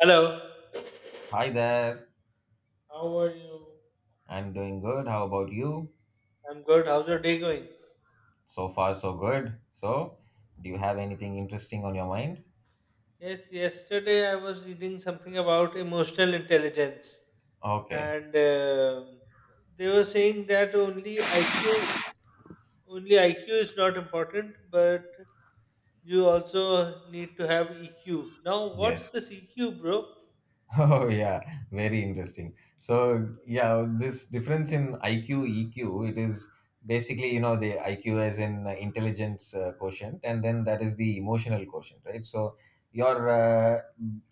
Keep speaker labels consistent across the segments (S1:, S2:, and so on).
S1: Hello.
S2: Hi there.
S1: How are you?
S2: I'm doing good. How about you?
S1: I'm good. How's your day going?
S2: So far, so good. So, do you have anything interesting on your mind?
S1: Yes, yesterday I was reading something about emotional intelligence,
S2: Okay.
S1: and they were saying that only IQ, only IQ is not important, but you also need to have EQ. Now, what's
S2: Yes.
S1: this EQ, bro?
S2: Oh yeah, very interesting. So yeah, this difference in IQ, EQ, it is basically the IQ as in intelligence quotient, and then that is the emotional quotient, right? So your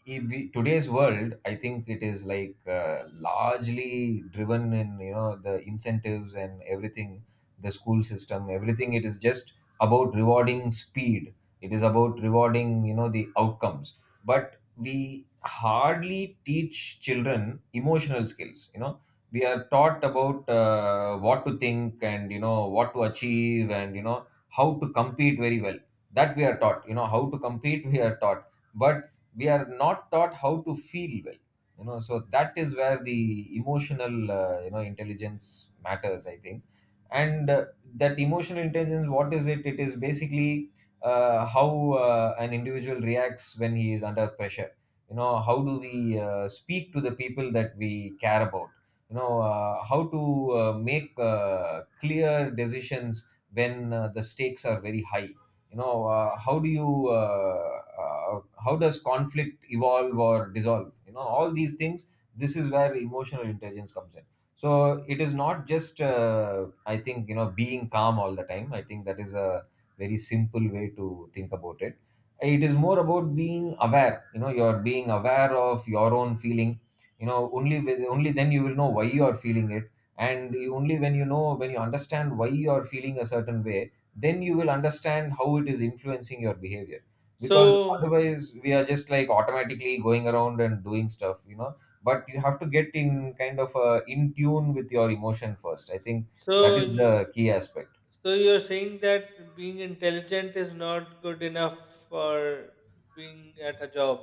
S2: if we- today's world, I think it is like largely driven in the incentives and everything, the school system, everything. It is just about rewarding speed. It is about rewarding the outcomes, but we hardly teach children emotional skills. We are taught about what to think and what to achieve and how to compete very well. That we are taught. You know how to compete we are taught, but we are not taught how to feel well. So that is where the emotional intelligence matters, I think. And that emotional intelligence, what is it? It is basically how an individual reacts when he is under pressure. How do we speak to the people that we care about? How to make clear decisions when the stakes are very high. You know how do you How does conflict evolve or dissolve? All these things, this is where emotional intelligence comes in. So it is not just I think being calm all the time. I think that is a very simple way to think about it. It is more about being aware. You're being aware of your own feeling. You know Only then you will know why you are feeling it. And only when you understand why you are feeling a certain way, then you will understand how it is influencing your behavior. Because
S1: So,
S2: otherwise we are just like automatically going around and doing stuff. But you have to get in kind of in tune with your emotion first, I think.
S1: so,
S2: That is the
S1: you-
S2: key aspect.
S1: so you're saying that being intelligent is not good enough for being at a job?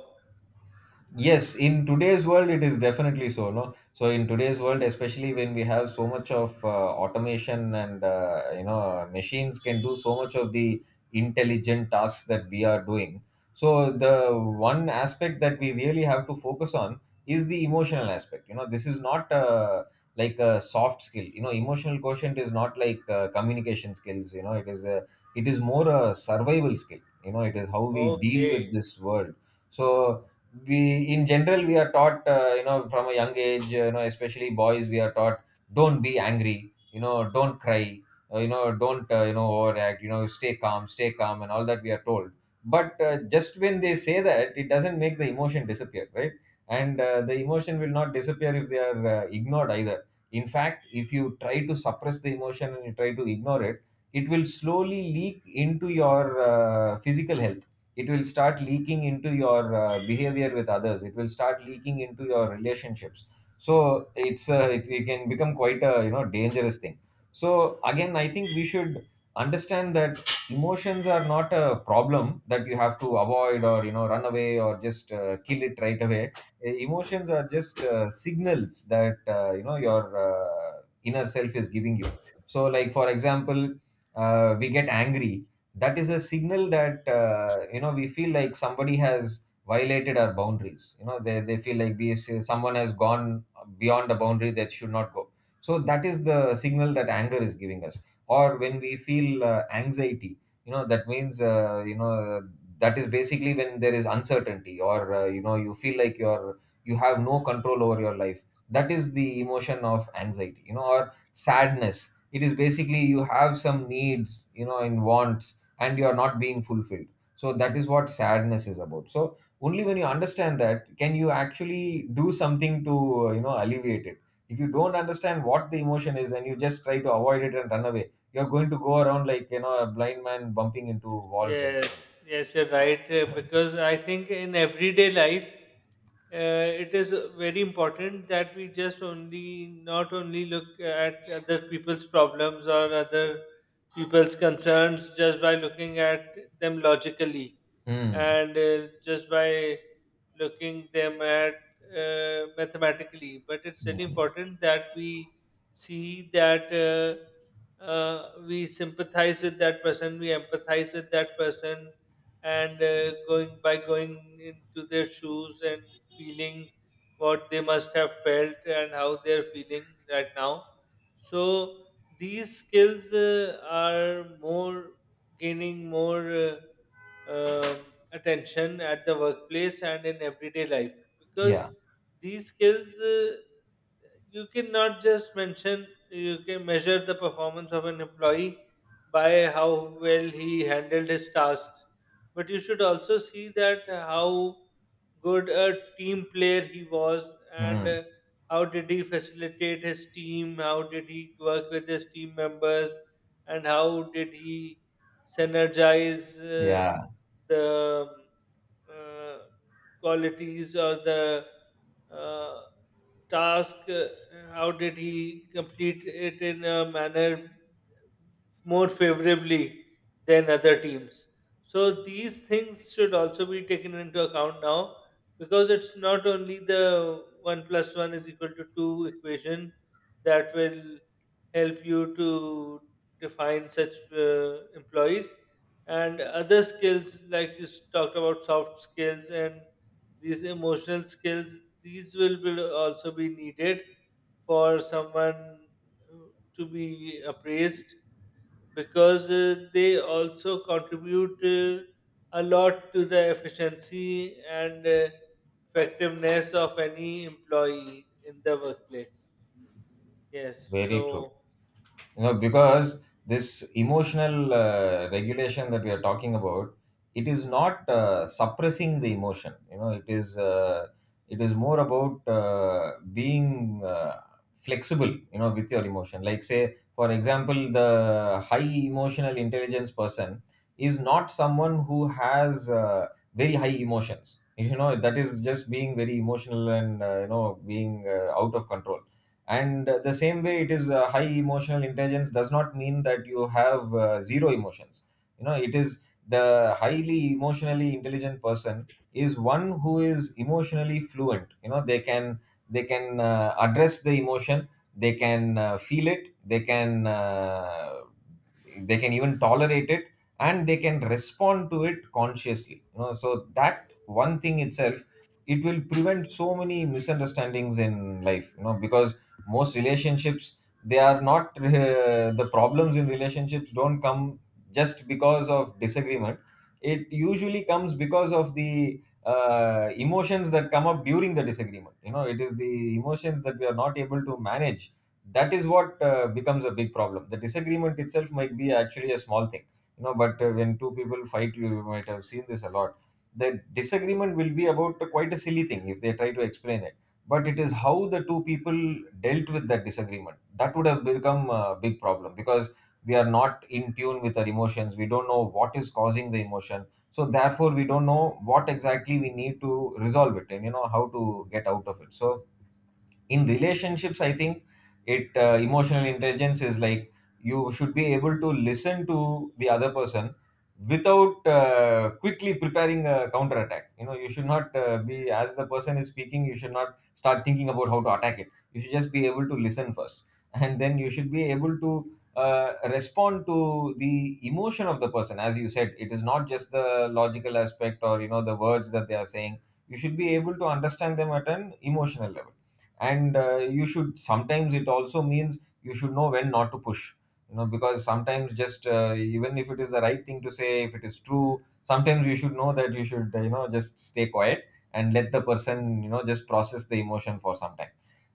S2: Yes, in today's world, it is definitely so. No, so in today's world, especially when we have so much of automation and machines can do so much of the intelligent tasks that we are doing. So the one aspect that we really have to focus on is the emotional aspect. You know, this is not like a soft skill. You know, emotional quotient is not like communication skills. You know, it is more a survival skill. You know, it is how we deal with
S1: Okay.
S2: this world. So we, in general we are taught from a young age, especially boys we are taught, don't be angry, don't cry, don't overact, stay calm, stay calm, and all that we are told. But just when they say that, it doesn't make the emotion disappear, right? And the emotion will not disappear if they are ignored either. In fact, if you try to suppress the emotion and you try to ignore it, it will slowly leak into your physical health. It will start leaking into your behavior with others. It will start leaking into your relationships. So it can become quite a dangerous thing. So again, I think we should understand that emotions are not a problem that you have to avoid or run away or just kill it right away. Emotions are just signals that your inner self is giving you. So, like for example, we get angry. That is a signal that we feel like somebody has violated our boundaries. You know They feel like someone has gone beyond a boundary that should not go. So that is the signal that anger is giving us. Or when we feel anxiety. You know that means you know that is basically when there is uncertainty or you feel like you have no control over your life. That is the emotion of anxiety. Or sadness, it is basically you have some needs in wants and you are not being fulfilled. So that is what sadness is about. So only when you understand that, can you actually do something to alleviate it. If you don't understand what the emotion is and you just try to avoid it and run away, you're going to go around like a blind man bumping into walls and stuff.
S1: Yes, yes, you're right. Because I think in everyday life, uh, it is very important that we just only not only look at other people's problems or other people's concerns just by looking at them logically,
S2: Mm.
S1: and just by looking them at mathematically. But it's very
S2: Mhm.
S1: important that we see that. We sympathize with that person, we empathize with that person, and going by going into their shoes and feeling what they must have felt and how they're feeling right now. So these skills are more gaining more um attention at the workplace and in everyday life, because
S2: Yeah.
S1: these skills you cannot just mention, you can measure the performance of an employee by how well he handled his tasks, but you should also see that how good a team player he was, and
S2: Mm.
S1: how did he facilitate his team, how did he work with his team members, and how did he synergize uh,
S2: Yeah.
S1: the uh, qualities or the uh, task, how did he complete it in a manner more favorably than other teams? So these things should also be taken into account now, because it's not only the 1 plus 1 is equal to 2 equation that will help you to define such employees, and other skills like you talked about, soft skills and these emotional skills, these will also be needed for someone to be appraised, because they also contribute a lot to the efficiency and effectiveness of any employee in the workplace. Yes,
S2: Very true
S1: so
S2: you know Because this emotional regulation that we are talking about, it is not suppressing the emotion. You know It is more about being flexible you know with your emotion. Like, say for example, the high emotional intelligence person is not someone who has very high emotions. That is just being very emotional and being out of control. And the same way, it is high emotional intelligence does not mean that you have zero emotions. You know it is the highly emotionally intelligent person is one who is emotionally fluent. You know They can address the emotion. They can feel it. They can even tolerate it. And they can respond to it consciously. You know so that one thing itself, it will prevent so many misunderstandings in life. You know because most relationships, they are not the problems in relationships don't come just because of disagreement. It usually comes because of the emotions that come up during the disagreement. You know it is the emotions that we are not able to manage, that is what becomes a big problem. The disagreement itself might be actually a small thing. You know but when two people fight, you might have seen this a lot, the disagreement will be about quite a silly thing if they try to explain it. But it is how the two people dealt with that disagreement that would have become a big problem. Because we are not in tune with our emotions, we don't know what is causing the emotion. So therefore we don't know what exactly we need to resolve it and how to get out of it. So in relationships, I think it emotional intelligence is like, you should be able to listen to the other person without quickly preparing a counter attack. You should not be, as the person is speaking, you should not start thinking about how to attack it. You should just be able to listen first, and then you should be able to respond to the emotion of the person. As you said, it is not just the logical aspect or the words that they are saying. You should be able to understand them at an emotional level. And you should, sometimes it also means you should know when not to push. You know because sometimes, just even if it is the right thing to say, if it is true, sometimes you should know that you should just stay quiet and let the person just process the emotion for some time.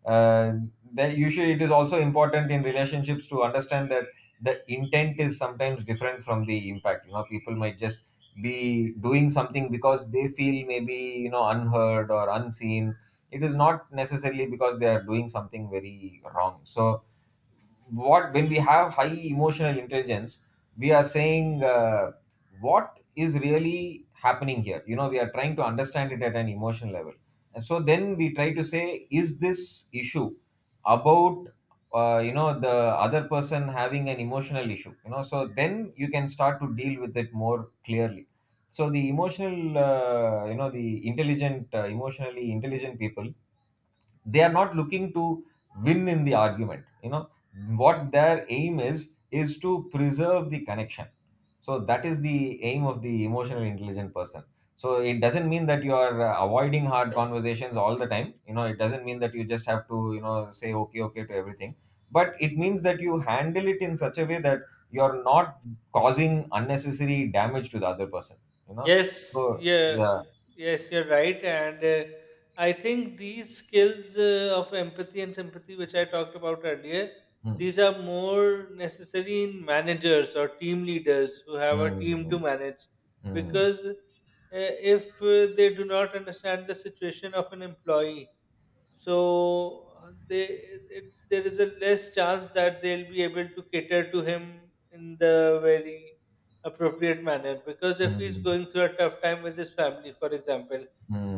S2: uh, that, usually it is also important in relationships to understand that the intent is sometimes different from the impact. People might just be doing something because they feel maybe unheard or unseen. It is not necessarily because they are doing something very wrong. So what, when we have high emotional intelligence, we are saying what is really happening here. We are trying to understand it at an emotional level. And so then we try to say, is this issue about the other person having an emotional issue? So then you can start to deal with it more clearly. So the emotional you know the intelligent emotionally intelligent people, they are not looking to win in the argument. What their aim is to preserve the connection. So that is the aim of the emotionally intelligent person. So it doesn't mean that you are avoiding hard conversations all the time. It doesn't mean that you just have to say okay, okay to everything. But it means that you handle it in such a way that you're not causing unnecessary damage to the other person. you know
S1: yes,
S2: so
S1: yeah,
S2: yeah.
S1: yes, you're right, and I think these skills of empathy and sympathy, which I talked about earlier,
S2: Hmm.
S1: these are more necessary in managers or team leaders who have a team to
S2: Hmm.
S1: manage,
S2: Hmm.
S1: because if they do not understand the situation of an employee, so there is a less chance that they'll be able to cater to him in the very appropriate manner, because if he's
S2: Hmm.
S1: going through a tough time with his family, for example,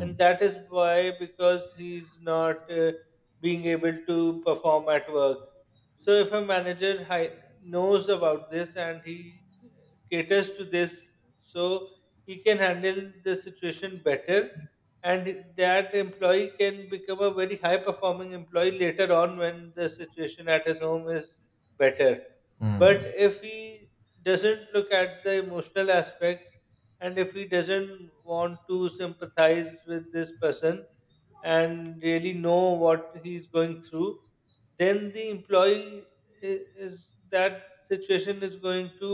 S1: and that is why, because he's not being able to perform at work. So if a manager knows about this and he caters to this, so he can handle the situation better, and that employee can become a very high performing employee later on when the situation at his home is better. But
S2: 嗯
S1: if he doesn't look at the emotional aspect, and if he doesn't want to sympathize with this person and really know what he's going through, then the employee is that situation is going to,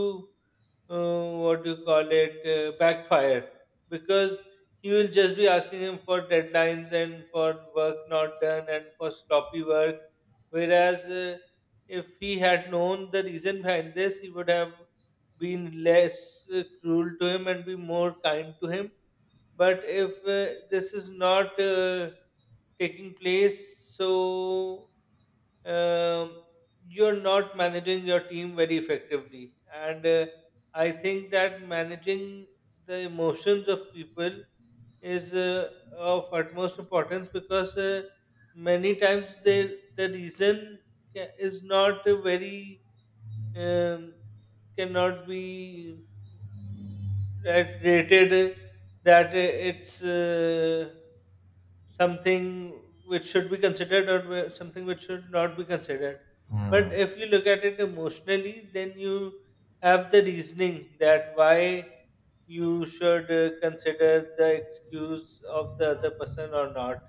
S1: what do you call it, backfire, because he will just be asking him for deadlines and for work not done and for sloppy work. Whereas if he had known the reason behind this, he would have been less cruel to him and be more kind to him. But if this is not taking place, so um, you're not managing your team very effectively. And I think that managing the emotions of people is of utmost importance, because many times the reason is not a very um, cannot be rated that it's something which should be considered, or something which should not be considered. But
S2: 嗯
S1: if you look at it emotionally, then you have the reasoning that why you should consider the excuse of the other person or not.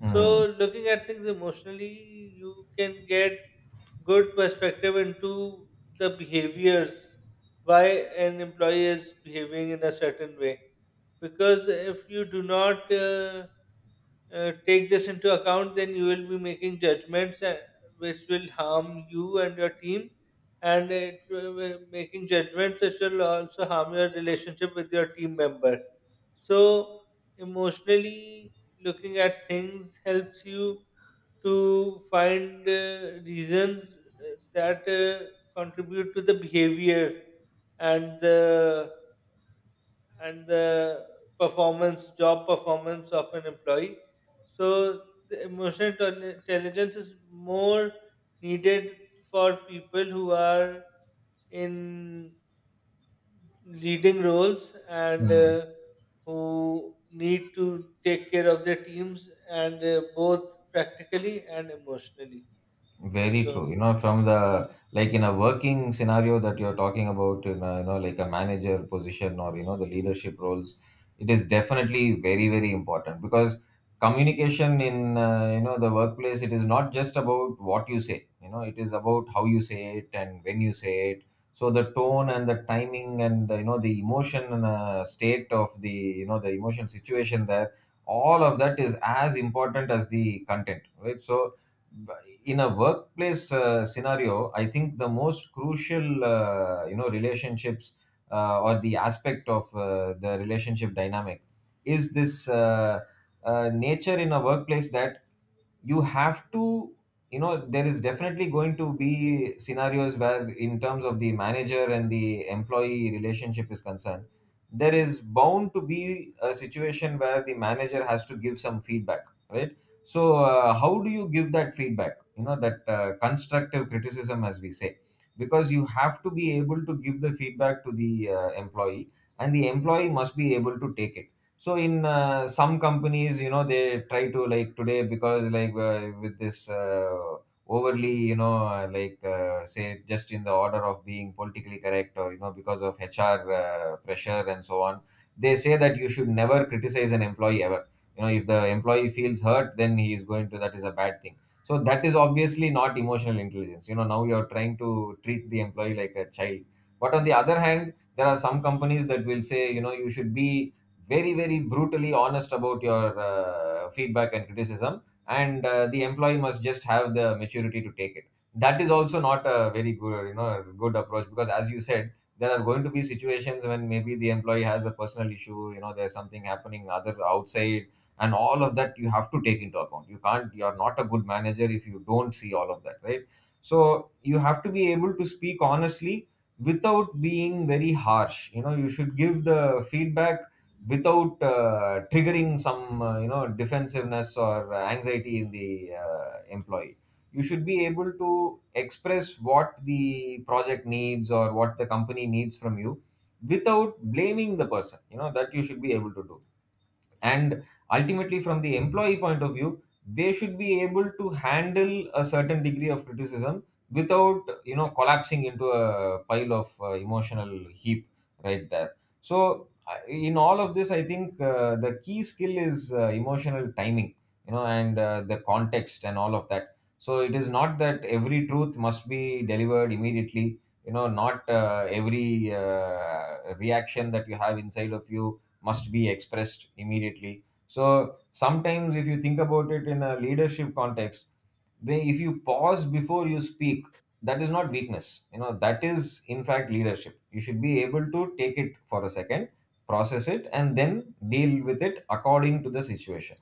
S2: 嗯
S1: So, looking at things emotionally, you can get good perspective into the behaviors, why an employee is behaving in a certain way, because if you do not take this into account, then you will be making judgments which will harm you and your team, and it will be making judgments which will also harm your relationship with your team member. So, emotionally looking at things helps you to find reasons that contribute to the behavior and the and the performance, job performance of an employee. So the emotional intelligence is more needed for people who are in leading roles and
S2: 嗯。
S1: who need to take care of their teams, and both practically and emotionally.
S2: Very
S1: So
S2: true. You know, from the in a working scenario that you're talking about, in like a manager position or the leadership roles, it is definitely very important because communication in the workplace, it is not just about what you say. You know, it is about how you say it and when you say it. So the tone and the timing and the emotion and state of the the emotion situation there, all of that is as important as the content, right? So in a workplace scenario, I think the most crucial relationships or the aspect of the relationship dynamic is this nature in a workplace that you have to there is definitely going to be scenarios where in terms of the manager and the employee relationship is concerned, there is bound to be a situation where the manager has to give some feedback, right? So how do you give that feedback, you know, that constructive criticism, as we say, because you have to be able to give the feedback to the employee, and the employee must be able to take it. So in some companies, you know, they try to today because with this overly say, just in the order of being politically correct, or you know, because of HR pressure and so on, they say that you should never criticize an employee ever. You know, if the employee feels hurt, then he is going to, that is a bad thing. So that is obviously not emotional intelligence. You know, now you are trying to treat the employee like a child. But on the other hand, there are some companies that will say, you know, you should be very brutally honest about your feedback and criticism, and the employee must just have the maturity to take it. That is also not a very good, you know, good approach, because as you said, there are going to be situations when maybe the employee has a personal issue. You know, there's something happening other outside, and all of that you have to take into account. You can't, you're not a good manager if you don't see all of that, right? So you have to be able to speak honestly without being very harsh. You know, you should give the feedback without triggering some defensiveness or anxiety in the employee. You should be able to express what the project needs or what the company needs from you without blaming the person. You know, that you should be able to do. And ultimately, from the employee point of view, they should be able to handle a certain degree of criticism without, you know, collapsing into a pile of emotional heap right there. So in all of this, I think the key skill is emotional timing, you know, and the context and all of that. So it is not that every truth must be delivered immediately. You know, not every reaction that you have inside of you must be expressed immediately. So sometimes, if you think about it in a leadership context, they if you pause before you speak, that is not weakness. You know, that is in fact leadership. You should be able to take it for a second, process it, and then deal with it according to the situation.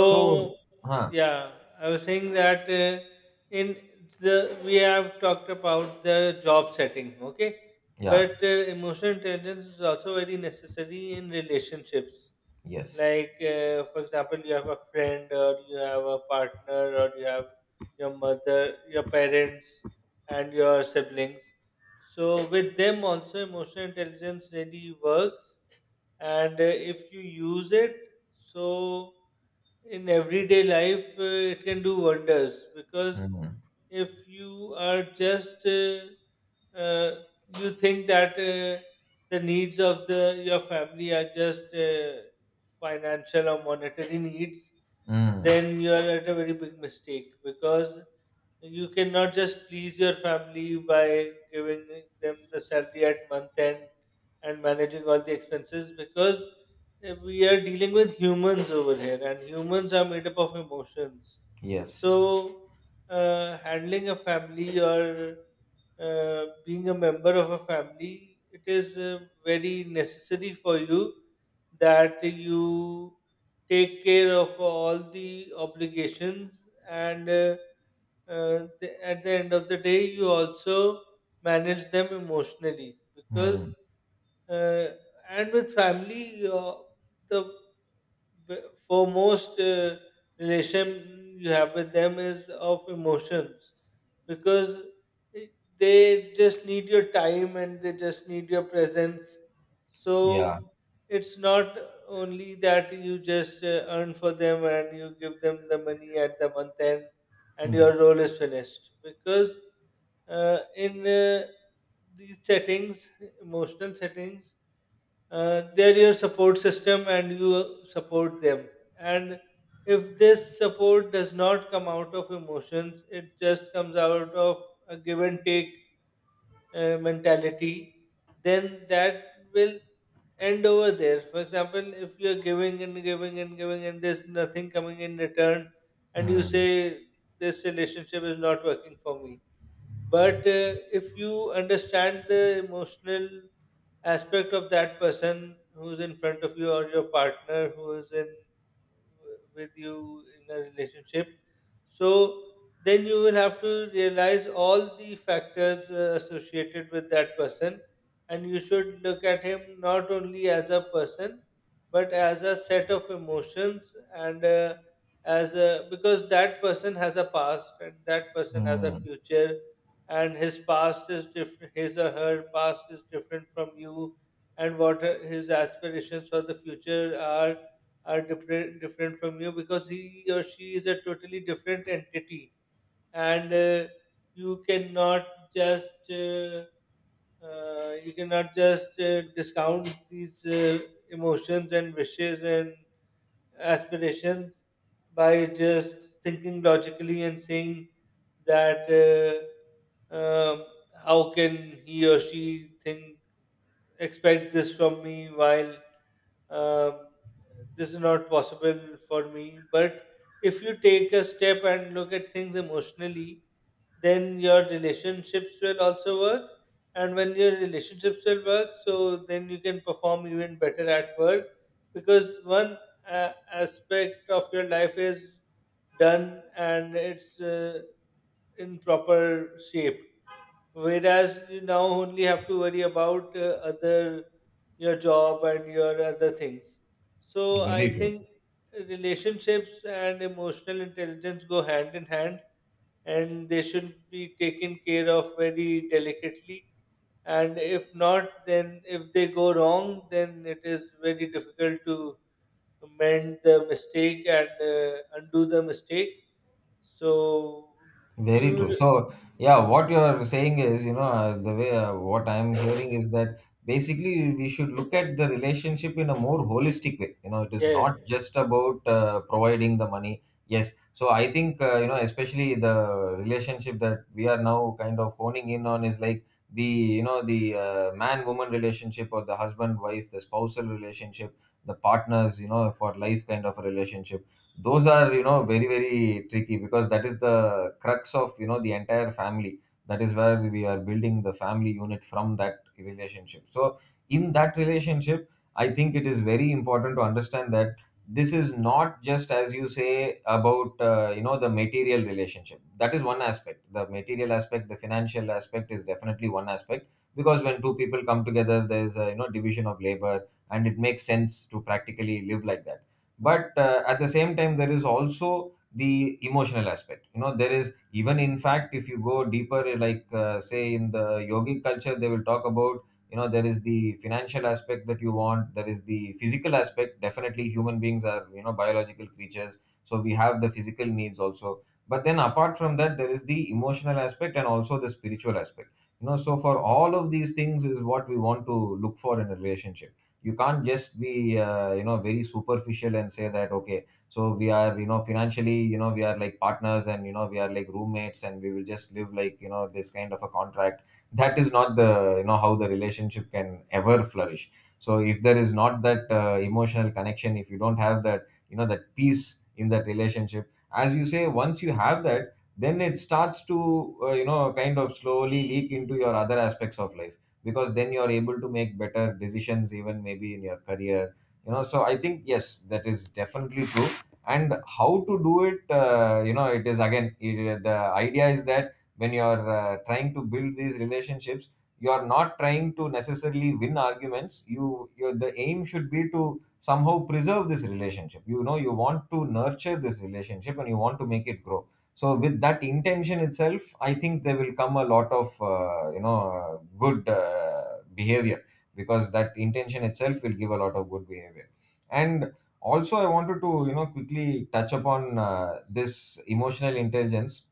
S2: So huh?
S1: yeah, I was saying that in the we have talked about the job setting, okay?
S2: Yeah.
S1: But emotional intelligence is also very necessary in relationships.
S2: Yes.
S1: Like for example, you have a friend, or you have a partner, or you have your mother, your parents, and your siblings. So with them also, emotional intelligence really works, and if you use it, so in everyday life it can do wonders, because
S2: mm,
S1: if you are just uh, you think that the needs of the your family are just financial or monetary needs,
S2: mm,
S1: then you are at a very big mistake, because you cannot just please your family by giving them the salary at month end and managing all the expenses, because we are dealing with humans over here, and humans are made up of emotions.
S2: yes.
S1: So handling a family, or being a member of a family, it is very necessary for you that you take care of all the obligations, and at the end of the day you also manage them emotionally, because
S2: mm,
S1: uh, and with family the b- foremost relation you have with them is of emotions, because i- they just need your time and they just need your presence. So
S2: yeah.
S1: it's not only that you just earn for them and you give them the money at the month end and your
S2: mm,
S1: role is finished, because in these settings, emotional settings, they're your support system and you support them. And if this support does not come out of emotions, it just comes out of a give and take mentality, then that will end over there. For example, if you're giving and giving and giving and there's nothing coming in return, and you
S2: mm,
S1: say, this relationship is not working for me. But if you understand the emotional aspect of that person who's in front of you, or your partner who is in with you in a relationship, so then you will have to realize all the factors associated with that person, and you should look at him not only as a person, but as a set of emotions, and because that person has a past and that person has a
S2: mm.
S1: future, and his past is different, his or her past is different from you, and what his aspirations for the future are different from you, because he or she is a totally different entity. And you cannot just uh, you cannot just discount these emotions and wishes and aspirations by just thinking logically and saying that how can he or she think expect this from me while uh, this is not possible for me. But if you take a step and look at things emotionally, then your relationships will also work. And when your relationships will work, so then you can perform even better at work, because one aspect of your life is done and it's in proper shape. Whereas you now only have to worry about other, your job and your other things. So I
S2: Very true.
S1: think relationships and emotional intelligence go hand in hand, and they should be taken care of very delicately. And if not, then if they go wrong, then it is very difficult to mend the mistake and undo the mistake. So, do
S2: Very true.
S1: you-
S2: So, yeah, what you're saying is, you know, the way what I'm hearing is that basically we should look at the relationship in a more holistic way. You know, it is not
S1: yes,
S2: just about providing the money. Yes. So I think, especially the relationship that we are now kind of honing in on is like the, you know, the man woman relationship, or the husband wife, the spousal relationship, the partners, you know, for life kind of a relationship. Those are, you know, very tricky, because that is the crux of, you know, the entire family. That is where we are building the family unit from, that relationship. So in that relationship, I think it is very important to understand that this is not just, as you say, about the material relationship. That is one aspect, the material aspect, the financial aspect is definitely one aspect, because when two people come together, there is a, you know, division of labor, and it makes sense to practically live like that. But at the same time, there is also the emotional aspect. You know, there is, even in fact, if you go deeper say, in the yogic culture, they will talk about, you know, there is the financial aspect that you want, there is the physical aspect, definitely human beings are, you know, biological creatures, so we have the physical needs also. But then apart from that, there is the emotional aspect and also the spiritual aspect. You know, so for all of these things is what we want to look for in a relationship. You can't just be you know, very superficial and say that, okay, so we are, you know, financially, you know, we are like partners, and you know, we are like roommates, and we will just live like, you know, this kind of a contract. That is not the, you know, how the relationship can ever flourish. So if there is not that emotional connection, if you don't have that, you know, that peace in that relationship, as you say, once you have that, then it starts to you know, kind of slowly leak into your other aspects of life, because then you're able to make better decisions even maybe in your career. You know, so I think yes, that is definitely true. And how to do it, you know, it is again, the idea is that when you're trying to build these relationships, you're not trying to necessarily win arguments. Your the aim should be to somehow preserve this relationship. You know, you want to nurture this relationship and you want to make it grow. So with that intention itself, I think there will come a lot of good behavior, because that intention itself will give a lot of good behavior. And also, I wanted to, you know, quickly touch upon this emotional intelligence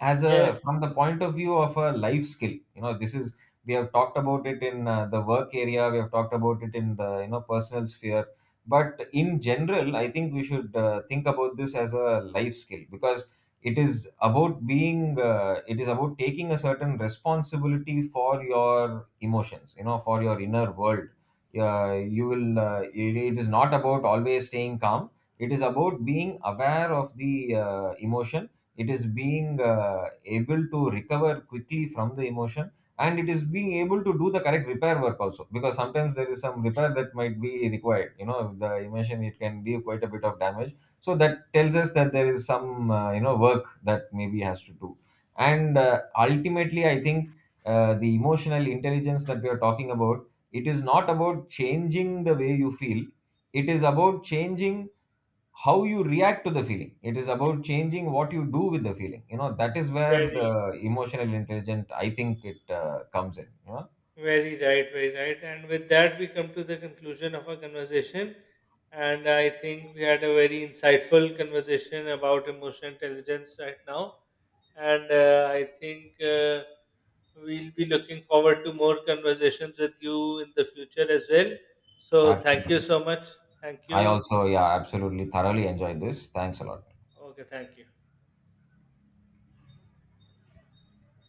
S2: as
S1: yes,
S2: a, from the point of view of a life skill. You know, this is, we have talked about it in the work area, we have talked about it in the, you know, personal sphere, but in general, I think we should think about this as a life skill, because it is about being it is about taking a certain responsibility for your emotions, you know, for your inner world. You will it is not about always staying calm. It is about being aware of the emotion. It is being able to recover quickly from the emotion, and it is being able to do the correct repair work also, because sometimes there is some repair that might be required. You know, the emotion, it can give quite a bit of damage, so that tells us that there is some you know, work that maybe has to do. And ultimately, I think the emotional intelligence that we are talking about, it is not about changing the way you feel. It is about changing how you react to the feeling. It is
S1: yes,
S2: about changing what you do with the feeling. You know, that is where the
S1: very.
S2: emotional intelligence, I think, it comes in, you know.
S1: Very right, very right. And with that, we come to the conclusion of our conversation. And I think we had a very insightful conversation about emotional intelligence right now. And I think we'll be looking forward to more conversations with you in the future as well. So, thank you
S2: Absolutely.
S1: so much. Thank
S2: I
S1: you.
S2: also, yeah, absolutely thoroughly enjoyed this. Thanks a lot.
S1: Okay, thank you.